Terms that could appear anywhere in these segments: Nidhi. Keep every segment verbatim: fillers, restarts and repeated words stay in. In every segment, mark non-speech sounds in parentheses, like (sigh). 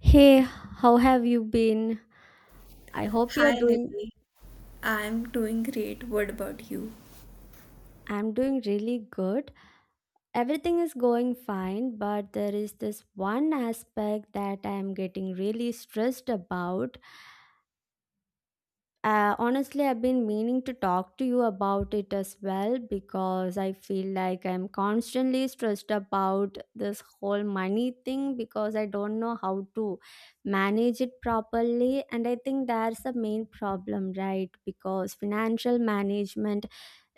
Hey, how have you been? I hope you're Hi doing. Nidhi, I'm doing great. What about you? I'm doing really good. Everything is going fine, but there is this one aspect that I am getting really stressed about. Uh, honestly, I've been meaning to talk to you about it as well because I feel like I'm constantly stressed about this whole money thing because I don't know how to manage it properly. And I think that's the main problem, right? Because financial management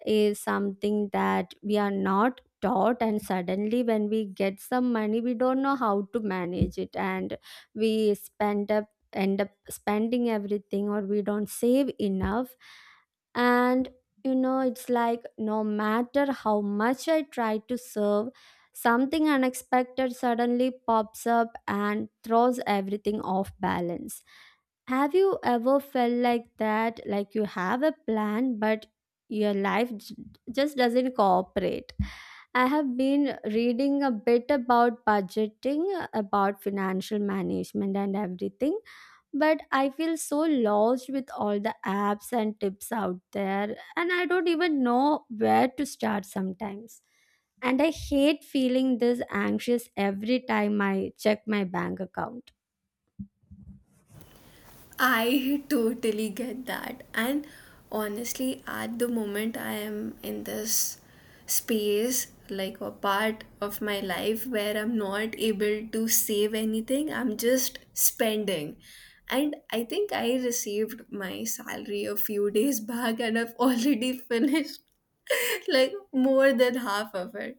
is something that we are not taught, and suddenly when we get some money we don't know how to manage it, and we spend up end up spending everything or we don't save enough. And you know, it's like no matter how much I try to serve, something unexpected suddenly pops up and throws everything off balance. Have you ever felt like that, like you have a plan but your life j- just doesn't cooperate? I have been reading a bit about budgeting, about financial management, and everything, but I feel so lost with all the apps and tips out there, and I don't even know where to start sometimes. And I hate feeling this anxious every time I check my bank account. I totally get that. And honestly, at the moment, I am in this space, like a part of my life where I'm not able to save anything, I'm just spending. And I think I received my salary a few days (laughs) back, and I've already (laughs) finished like more than half of it.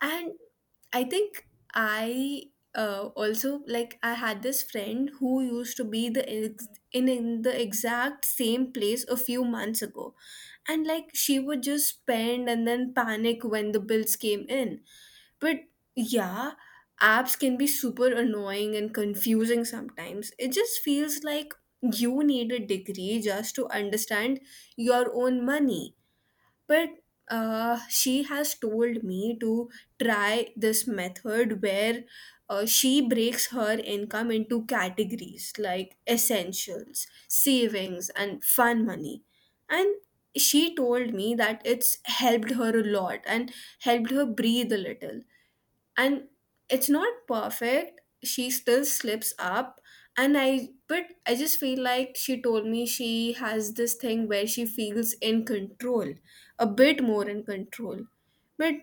And I think I uh, also, like, I had this friend who used to be the in, in the exact same place a few months ago, and like she would just spend and then panic when the bills came in, but yeah, apps can be super annoying and confusing. Sometimes it just feels like you need a degree just to understand your own money. But uh, she has told me to try this method where uh, she breaks her income into categories like essentials, savings, and fun money. And she told me that it's helped her a lot and helped her breathe a little, and it's not perfect, she still slips up, and I but I just feel like she told me she has this thing where she feels in control, a bit more in control. But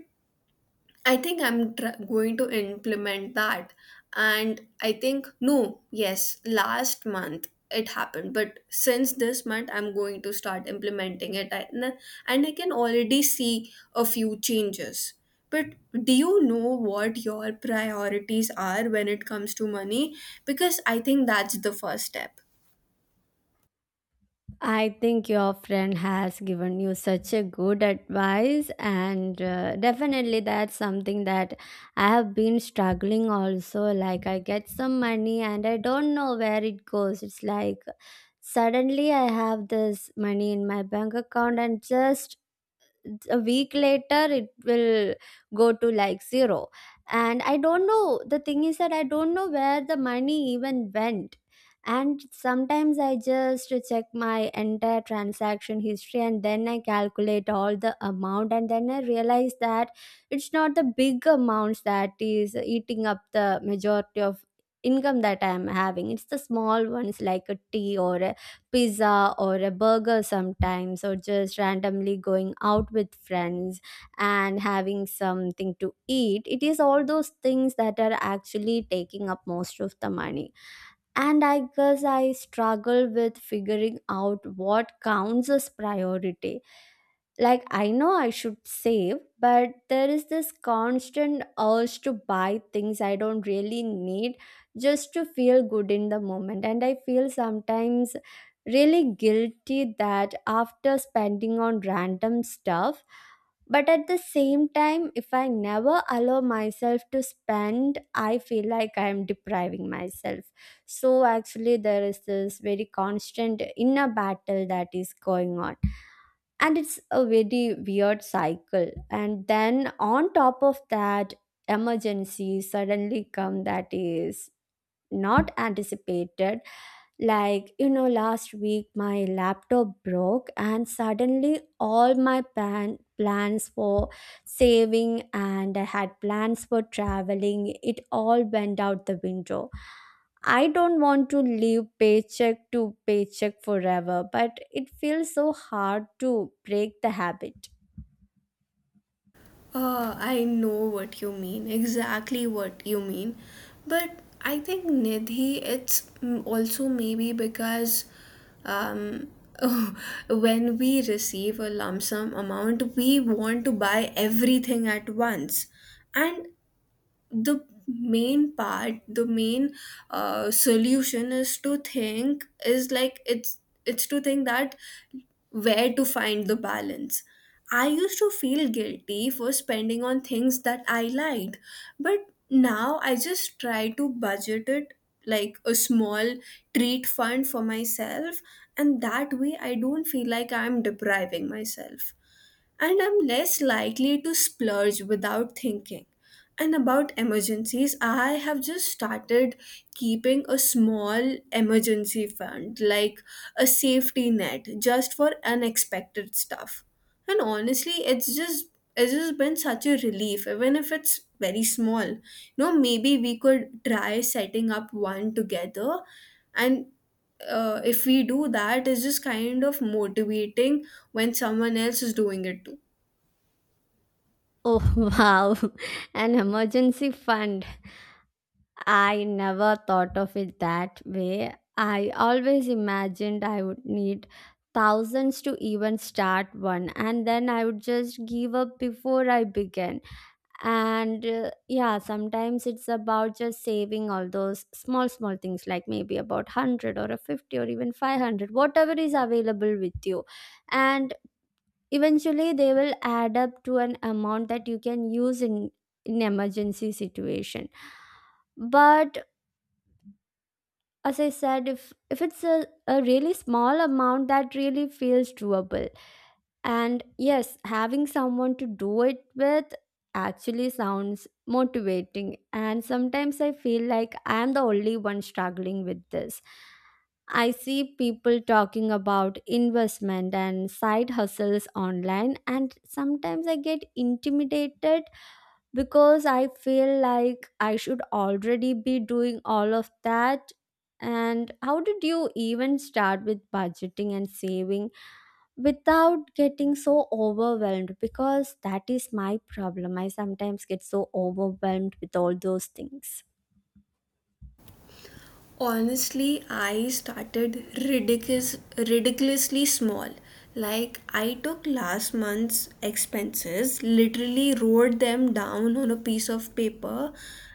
I think I'm tr- going to implement that. And I think, no, yes, last month it happened. But since this month, I'm going to start implementing it. I- n- And I can already see a few changes. But do you know what your priorities are when it comes to money? Because I think that's the first step. I think your friend has given you such a good advice, and uh, definitely that's something that I have been struggling also. Like, I get some money and I don't know where it goes. It's like suddenly I have this money in my bank account, and just a week later it will go to like zero. And I don't know, the thing is that I don't know where the money even went. And sometimes I just check my entire transaction history and then I calculate all the amount, and then I realize that it's not the big amounts that is eating up the majority of income that I'm having. It's the small ones, like a tea or a pizza or a burger, sometimes, or just randomly going out with friends and having something to eat. It is all those things that are actually taking up most of the money. And I guess I struggle with figuring out what counts as priority. Like, I know I should save, but there is this constant urge to buy things I don't really need just to feel good in the moment. And I feel sometimes really guilty that after spending on random stuff, but at the same time if I never allow myself to spend, I feel like I am depriving myself. So actually there is this very constant inner battle that is going on, and it's a very weird cycle. And then on top of that, emergency suddenly come that is not anticipated. Like, you know, last week my laptop broke, and suddenly all my plan plans for saving, and I had plans for traveling, it all went out the window. I don't want to live paycheck to paycheck forever, but it feels so hard to break the habit. Uh, I know what you mean, exactly what you mean. But I think, Nidhi, it's, mm, also maybe because um, (laughs) when we receive a lump sum amount, we want to buy everything at once. And the main part, the main uh, solution is to think, is like, it's it's to think that where to find the balance. I used to feel guilty for spending on things that I liked, but now I just try to budget it like a small treat fund for myself, and that way I don't feel like I'm depriving myself and I'm less likely to splurge without thinking. And about emergencies, I have just started keeping a small emergency fund, like a safety net, just for unexpected stuff. And honestly, it's just it's just been such a relief, even if it's very small. You know, maybe we could try setting up one together, and uh, if we do that, it's just kind of motivating when someone else is doing it too. Oh, (laughs) wow, an emergency fund. I never thought of it that way. I always imagined I would need thousands to even start one, and then I would just give up before I began. And uh, yeah, sometimes it's about just saving all those small, small things, like maybe about one hundred or a fifty or even five hundred, whatever is available with you. And eventually, they will add up to an amount that you can use in, in emergency situation. But as I said, if if it's a, a really small amount, that really feels doable. And yes, having someone to do it with actually sounds motivating. And sometimes I feel like I am the only one struggling with this. I see people talking about investment and side hustles online, and sometimes I get intimidated because I feel like I should already be doing all of that. And how did you even start with budgeting and saving without getting so overwhelmed? Because that is my problem. I sometimes get so overwhelmed with all those things. Honestly, I started ridiculous, ridiculously small. Like, I took last month's expenses, literally wrote them down on a piece of paper,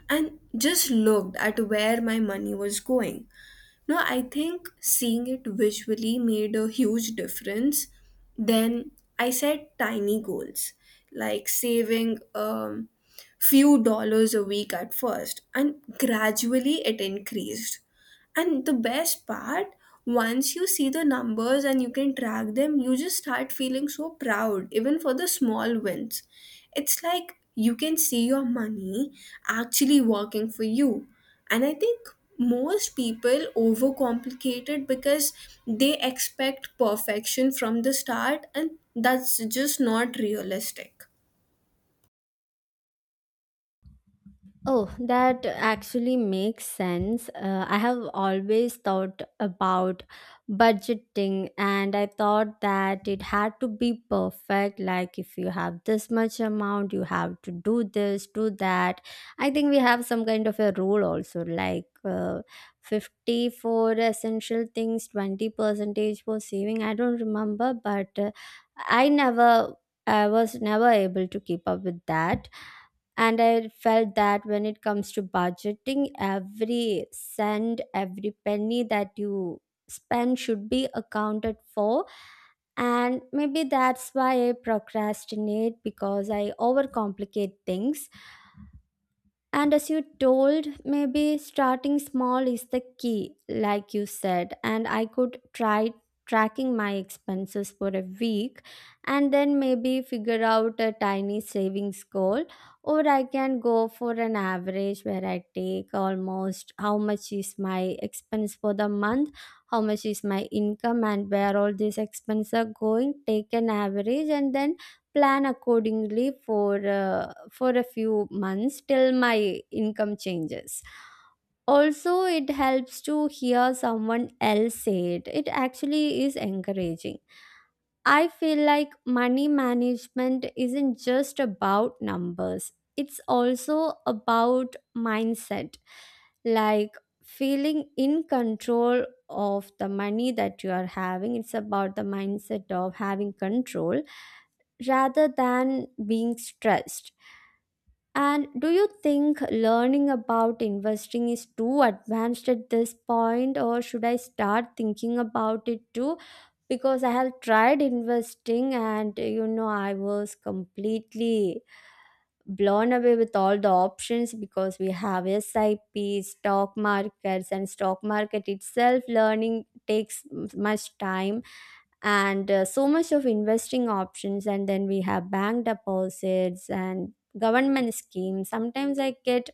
and just looked at where my money was going. No, I think seeing it visually made a huge difference. Then I set tiny goals, like saving um, few dollars a week at first, and gradually it increased. And the best part, once you see the numbers and you can track them, you just start feeling so proud, even for the small wins. It's like you can see your money actually working for you. And I think most people overcomplicate it because they expect perfection from the start, and that's just not realistic. Oh, that actually makes sense. Uh, I have always thought about budgeting, and I thought that it had to be perfect. Like, if you have this much amount, you have to do this, do that. I think we have some kind of a rule also, like uh, fifty for essential things, twenty percentage for saving. I don't remember, but uh, I never, I was never able to keep up with that. And I felt that when it comes to budgeting, every cent, every penny that you spend should be accounted for. And maybe that's why I procrastinate, because I overcomplicate things. And as you told, maybe starting small is the key, like you said. And I could try tracking my expenses for a week and then maybe figure out a tiny savings goal. Or I can go for an average where I take almost how much is my expense for the month, how much is my income, and where all these expenses are going. Take an average and then plan accordingly for uh, for a few months till my income changes. Also, it helps to hear someone else say it. It actually is encouraging. I feel like money management isn't just about numbers, it's also about mindset, like feeling in control of the money that you are having. It's about the mindset of having control rather than being stressed. And do you think learning about investing is too advanced at this point, or should I start thinking about it too? Because I have tried investing, and you know, I was completely blown away with all the options, because we have S I P, stock markets, and stock market itself learning takes m- much time. And uh, so much of investing options, and then we have bank deposits and government schemes. Sometimes I get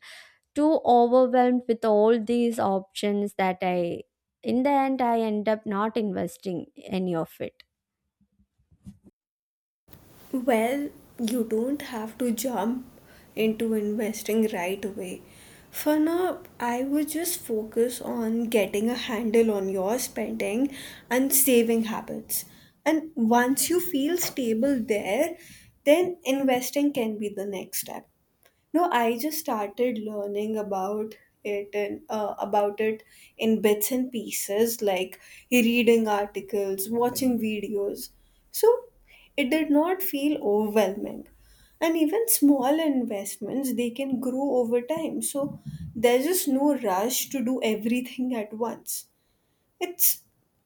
too overwhelmed with all these options that I in the end I end up not investing any of it. Well, you don't have to jump into investing right away. For now, I would just focus on getting a handle on your spending and saving habits. And once you feel stable there, then investing can be the next step. No, I just started learning about it and uh, about it in bits and pieces, like reading articles, watching videos. So it did not feel overwhelming. And even small investments, they can grow over time. So there's just no rush to do everything at once. It's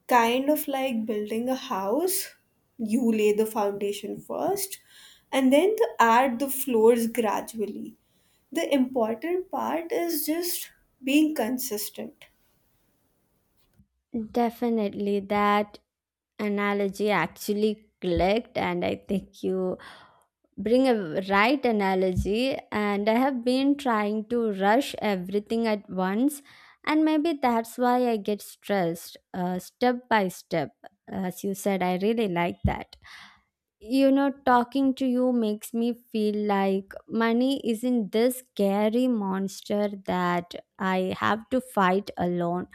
kind of like building a house. You lay the foundation first, and then to add the floors gradually. The important part is just being consistent. Definitely that analogy actually clicked, and I think you bring a right analogy. And I have been trying to rush everything at once, and maybe that's why I get stressed. Uh, step by step, as you said, I really like that. You know, talking to you makes me feel like money isn't this scary monster that I have to fight alone.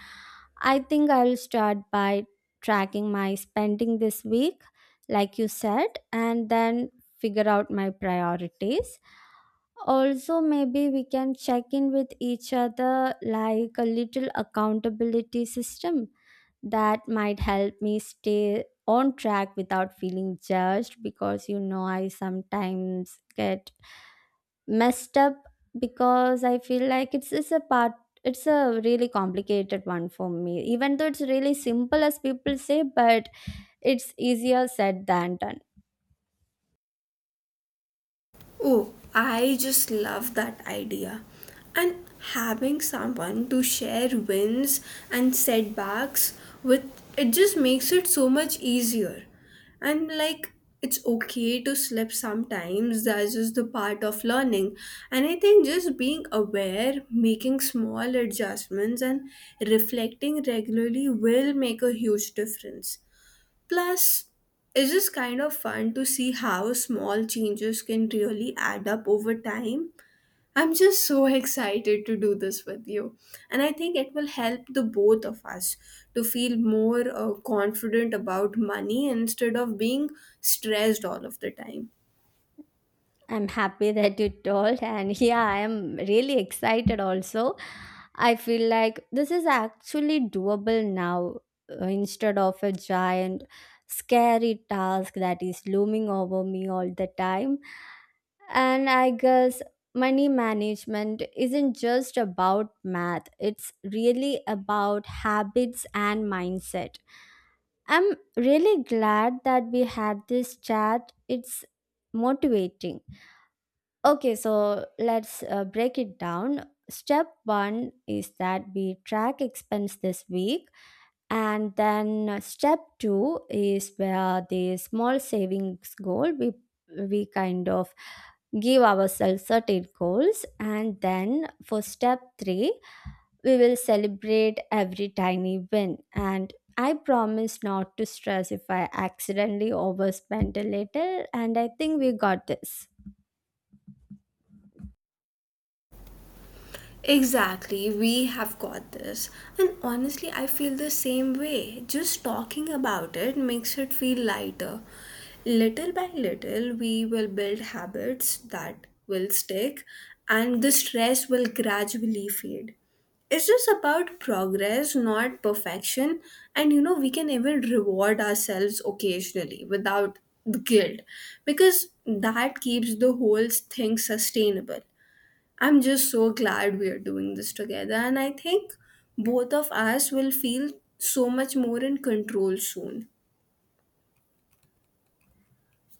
I think I'll start by tracking my spending this week, like you said, and then figure out my priorities. Also, maybe we can check in with each other, like a little accountability system. That might help me stay on track without feeling judged, because you know, I sometimes get messed up, because I feel like it's, it's a part, it's a really complicated one for me, even though it's really simple as people say. But it's easier said than done. Oh, I just love that idea. And having someone to share wins and setbacks with, it just makes it so much easier. And like, it's okay to slip sometimes, that's just the part of learning. And I think just being aware, making small adjustments, and reflecting regularly will make a huge difference. Plus, it's just kind of fun to see how small changes can really add up over time. I'm just so (laughs) excited to do this with you. And I think it will help the both of us to feel more uh, confident about money instead of being stressed all of the time. I'm happy (laughs) that you told, and yeah, I am really excited also. I feel like this is actually doable now, uh, instead of a giant, scary task that is looming over me all the time. And I guess money management isn't just about math, it's really about habits and mindset. I'm really glad that we had this chat. It's motivating. Okay, so let's uh, break it down. Step one is that we track expense this week, and then uh, step two is where the small savings goal, we we kind of give ourselves certain goals, and then for step three we will celebrate every tiny win. And I promise not to stress if I accidentally overspend a little, and I think we got this. Exactly, we have got this. And honestly, I feel the same way. Just talking about it makes it feel lighter. Little by little, we will build habits that will stick, and the stress will gradually fade. It's just about progress, not perfection. And you know, we can even reward ourselves occasionally without the guilt, because that keeps the whole thing sustainable. I'm just so glad we are doing this together, and I think both of us will feel so much more in control soon.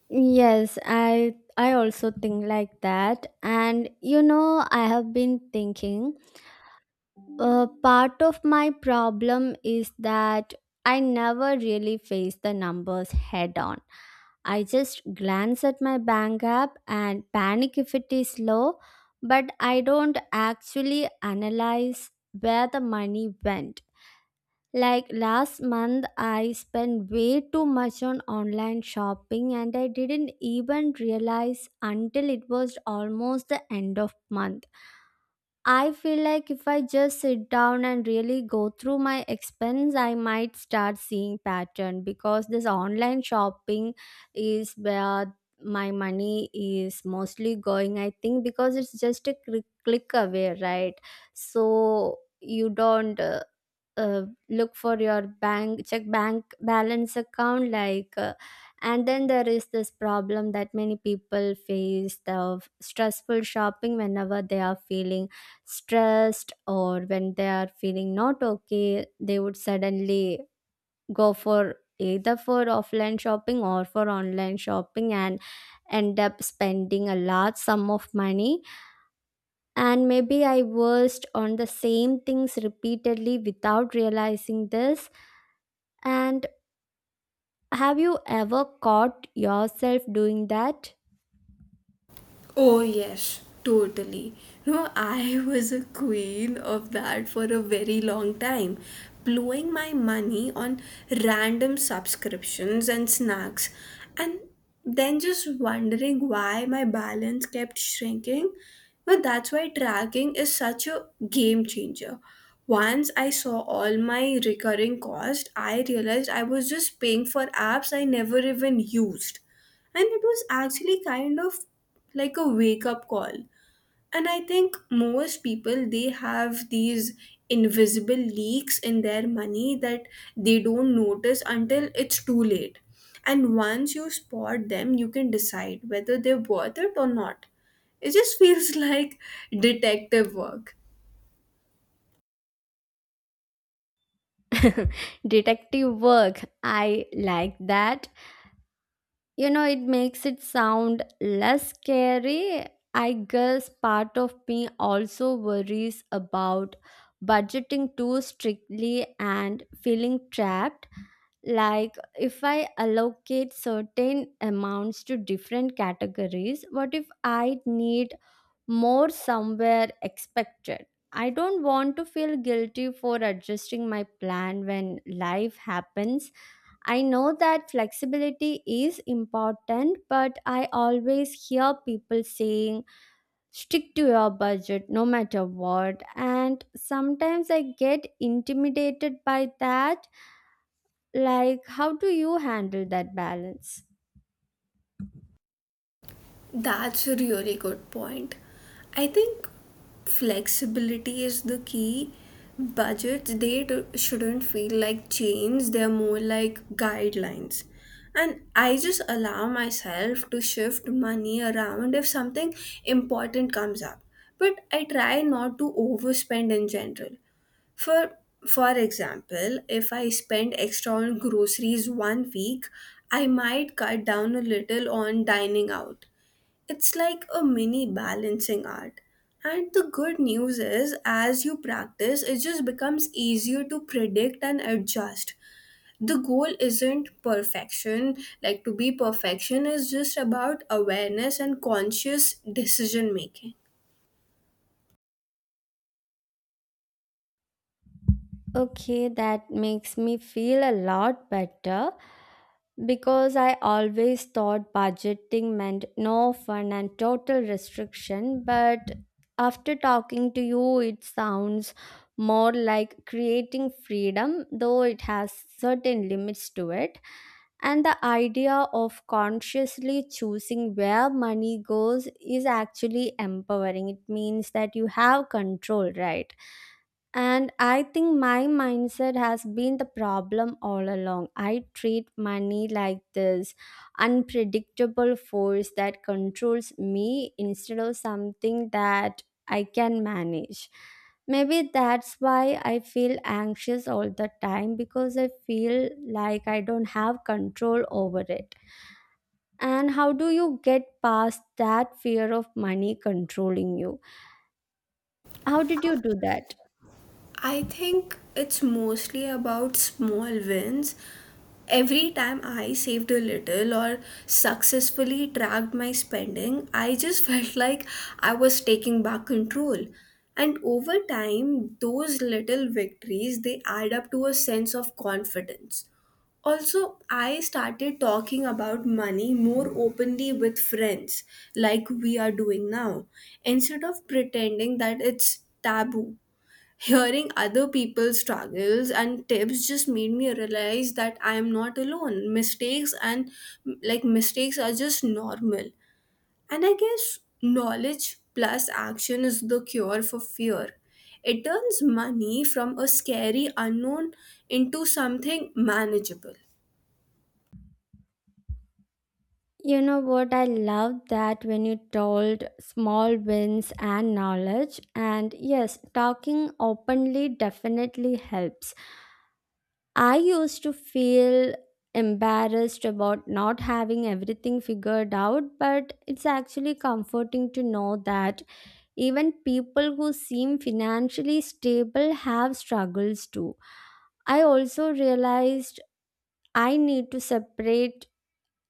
Yes, I I also think like that. And you know, I have been thinking, uh, part of my problem is that I never really face the numbers head on. I just glance at my bank app and panic if it is low, but I don't actually analyze where the money went. Like last month, I spent way too much on online shopping and I didn't even realize until it was almost the end of month. I feel like if I just sit down and really go through my expense, I might start seeing pattern, because this online shopping is where my money is mostly going. I think because it's just a click click away, right? So you don't. uh, uh, Look for your bank check bank balance account like uh, and then there is this problem that many people face: the stressful shopping whenever they are feeling stressed, or when they are feeling not okay, they would suddenly go for either for offline shopping or for online shopping, and end up spending a large sum of money. And maybe I was on the same things repeatedly without realizing this. And have you ever caught yourself doing that? Oh, yes, totally. No, I was a queen of that for a very long time, blowing my money on random subscriptions and snacks, and then just wondering why my balance kept shrinking. But that's why tracking is such a game changer. Once I saw all my recurring costs, I realized I was just paying for apps I never even used, and it was actually kind of like a wake up call. And I think most people, they have these invisible leaks in their money that they don't notice until it's too late. And once you spot them, you can decide whether they're worth it or not. It just feels (laughs) like detective work. Detective work. I like that. You know, it makes it sound less scary. I guess part of me also worries about budgeting too strictly and feeling trapped. Like, if I allocate certain amounts to different categories, what if I need more somewhere expected. I don't want to feel guilty for adjusting my plan when life happens. I know that flexibility is important, but I always hear people saying, stick to your budget no matter what. And sometimes I get intimidated by that. Like, how do you handle that balance? That's a really good point. I think flexibility is the key. Budgets, they do, shouldn't feel like chains, they're more like guidelines. And I just allow myself to shift money around if something important comes up. But I try not to overspend in general. For for example, if I spend extra on groceries one week, I might cut down a little on dining out. It's like a mini balancing art. And the good news is, as you practice, it just becomes easier to predict and adjust. The goal isn't perfection, like to be perfection is just about awareness and conscious decision making. Okay, that makes me feel a lot better because I always thought budgeting meant no fun and total restriction. But after talking to you, it sounds more like creating freedom, though it has certain limits to it. And the idea of consciously choosing where money goes is actually empowering. It means that you have control, right? And I think my mindset has been the problem all along. I treat money like this unpredictable force that controls me instead of something that I can manage. Maybe that's why I feel anxious all the time because I feel like I don't have control over it. And how do you get past that fear of money controlling you? How did you do that? I think it's mostly about small wins. Every time I saved a little or successfully tracked my spending, I just (laughs) felt like I was taking back control. And over time, those little victories they add up to a sense of confidence. Also, I started talking about money more openly with friends, like we are doing now, instead of pretending that it's taboo. Hearing other people's struggles and tips just made me realize that I am not alone. Mistakes and, like, mistakes are just normal. And I guess knowledge plus action is the cure for fear. It turns money from a scary unknown into something manageable. You know what? I love that when you told small wins and knowledge. And yes, talking openly definitely helps. I used to feel embarrassed about not having everything figured out, but it's actually comforting to know that even people who seem financially stable have struggles too. I also realized I need to separate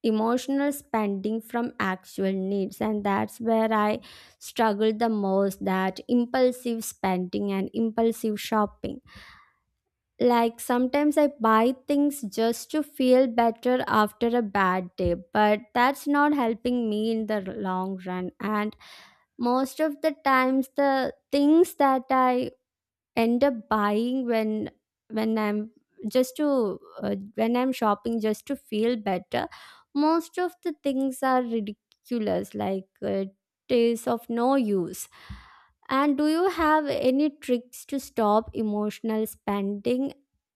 emotional spending from actual needs, and that's where I struggle the most, that impulsive spending and impulsive shopping. Like, sometimes I buy things just to feel better after a bad day, but that's not helping me in the long run. And most of the times the things that I end up buying when when i'm just to uh, when i'm shopping just to feel better, most of the things are ridiculous, like uh, it is of no use. And do you have any tricks to stop emotional spending,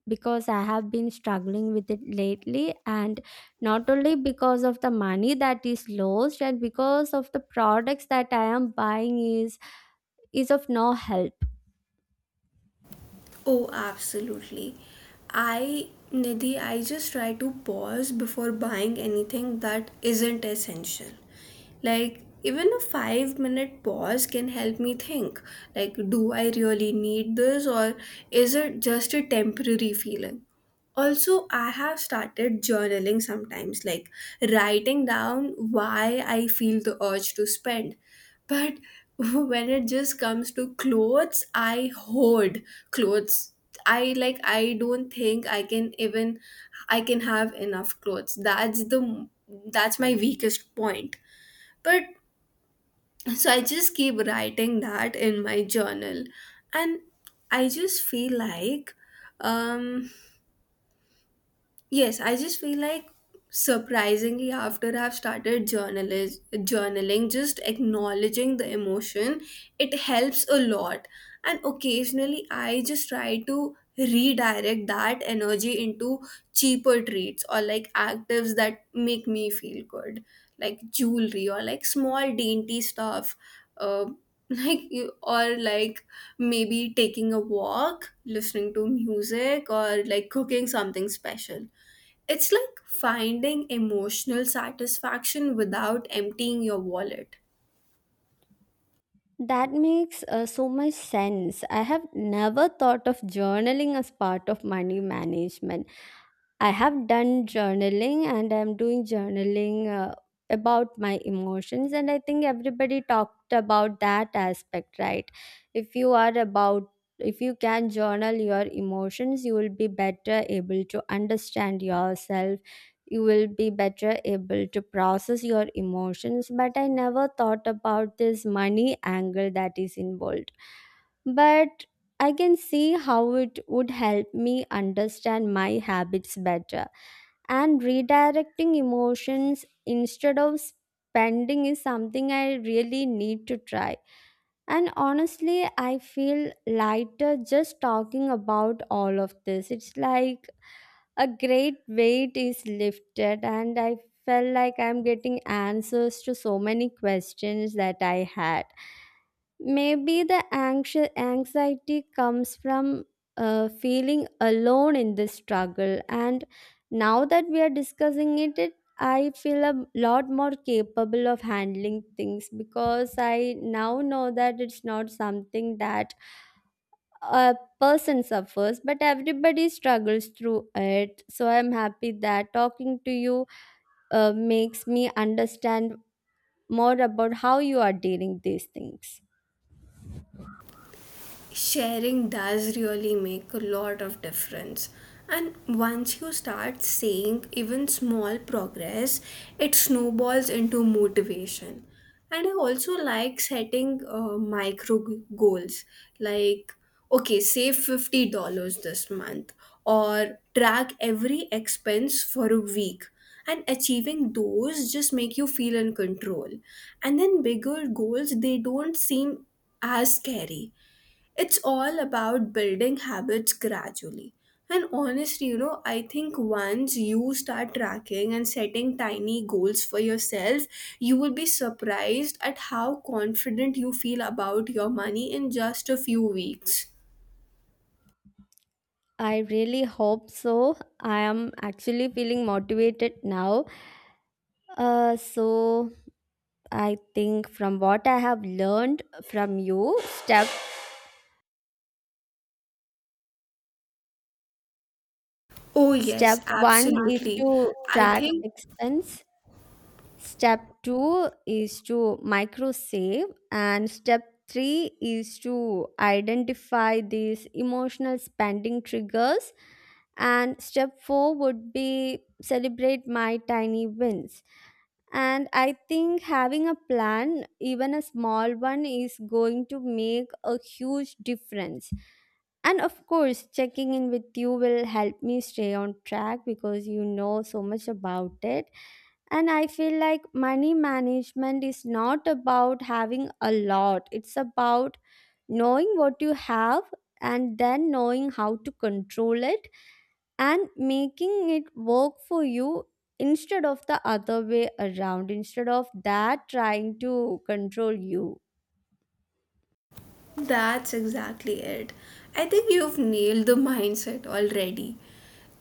because I have been struggling with it lately, and not only because of the money that is lost and because of the products that I am buying is is of no help. Oh, absolutely. I, Nidhi, I just try to pause before buying anything that isn't essential. Like, even a five minute pause can help me think, like, do I really need this or is it just a temporary feeling? Also, I have started journaling sometimes, like writing down why I feel the urge to spend. But (laughs) when it just comes to clothes, I hoard clothes. I, like, I don't think I can even I can have enough clothes. That's the that's my weakest point. But so I just keep writing that in my journal, and I just feel like, um, yes, I just feel like, surprisingly, after I've started journalist journaling, just acknowledging the emotion, it helps a lot. And occasionally I just try to redirect that energy into cheaper treats or like actives that make me feel good, like jewelry or like small dainty stuff. Uh, (laughs) like you, or like maybe taking a walk, listening to music, or like cooking something special. It's like finding emotional satisfaction without emptying your wallet. That makes uh, so much sense. I have never thought of journaling as part of money management. I have done journaling and I'm doing journaling uh, about my emotions. And I think everybody talked about that aspect, right? If you are about, if you can journal your emotions, you will be better able to understand yourself. You will be better able to process your emotions. But I never thought about this money angle that is involved. But I can see how it would help me understand my habits better, and redirecting emotions instead of spending is something I really need to try. And honestly, I feel lighter just talking about all of this. It's like a great weight is lifted, and I felt like I'm getting answers to so many questions that I had. Maybe the anxi- anxiety comes from uh, feeling alone in this struggle. And now that we are discussing it, it I feel a lot more capable of handling things, because I now know that it's not something that a person suffers, but everybody struggles through it. So I'm happy that talking to you uh, makes me understand more about how you are dealing these things. Sharing does really make a lot of difference. And once you start seeing even small progress, it snowballs into motivation. And I also like setting uh, micro g- goals, like, okay, save fifty dollars this month, or track every expense for a week, and achieving those just make you feel in control. And then bigger goals, they don't seem as scary. It's all about building habits gradually. And honestly, you know, I think once you start tracking and setting tiny goals for yourself, you will be surprised at how confident you feel about your money in just a few weeks. I really hope so. I am actually feeling motivated now. Uh, so I think from what I have learned from you, step Oh, step yes, one is absolutely. to I track think. expense. Step two is to micro save, and step three is to identify these emotional spending triggers. And step four would be celebrate my tiny wins. And I think having a plan, even a small one, is going to make a huge difference. And of course, checking in with you will help me stay on track because you know so much about it. And I feel like money management is not about having a lot, it's about knowing what you have and then knowing how to control it and making it work for you instead of the other way around, instead of that trying to control you. That's exactly it. I think you've nailed the mindset already.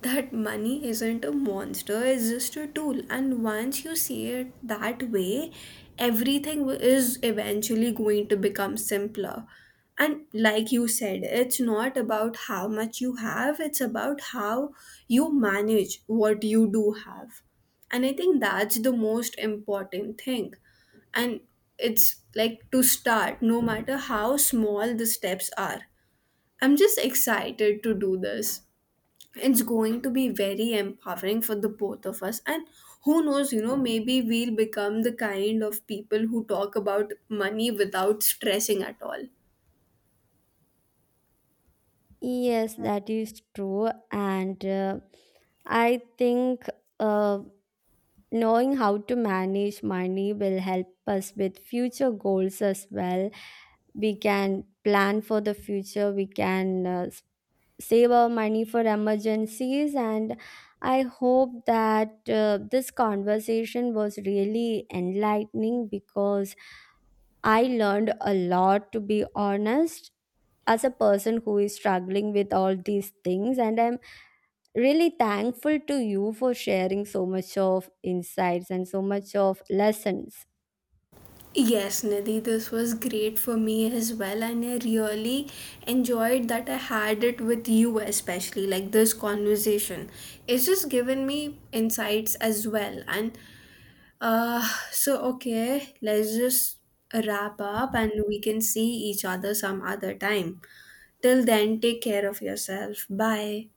That money isn't a monster, it's just a tool. And once you see it that way, everything wi- is eventually going to become simpler. And like you said, it's not about how much you have, it's about how you manage what you do have. And I think that's the most important thing, and it's like to start, no matter how small the steps are. I'm just excited to do this. It's going to be very empowering for the both of us. And who knows, you know maybe we'll become the kind of people who talk about money without stressing at all. Yes, that is true. And uh, I think uh, knowing how to manage money will help us with future goals as well. We can plan for the future, we can uh, save our money for emergencies. And I hope that uh, this conversation was really enlightening, because I learned a lot, to be honest, as a person who is struggling with all these things. And I'm really thankful to you for sharing so much of insights and so much of lessons. Yes, Nidhi, this was great for me as well, and I really enjoyed that I had it with you, especially like this conversation. It's just given me insights as well, and Uh, so, okay, let's just wrap up and we can see each other some other time. Till then, take care of yourself. Bye.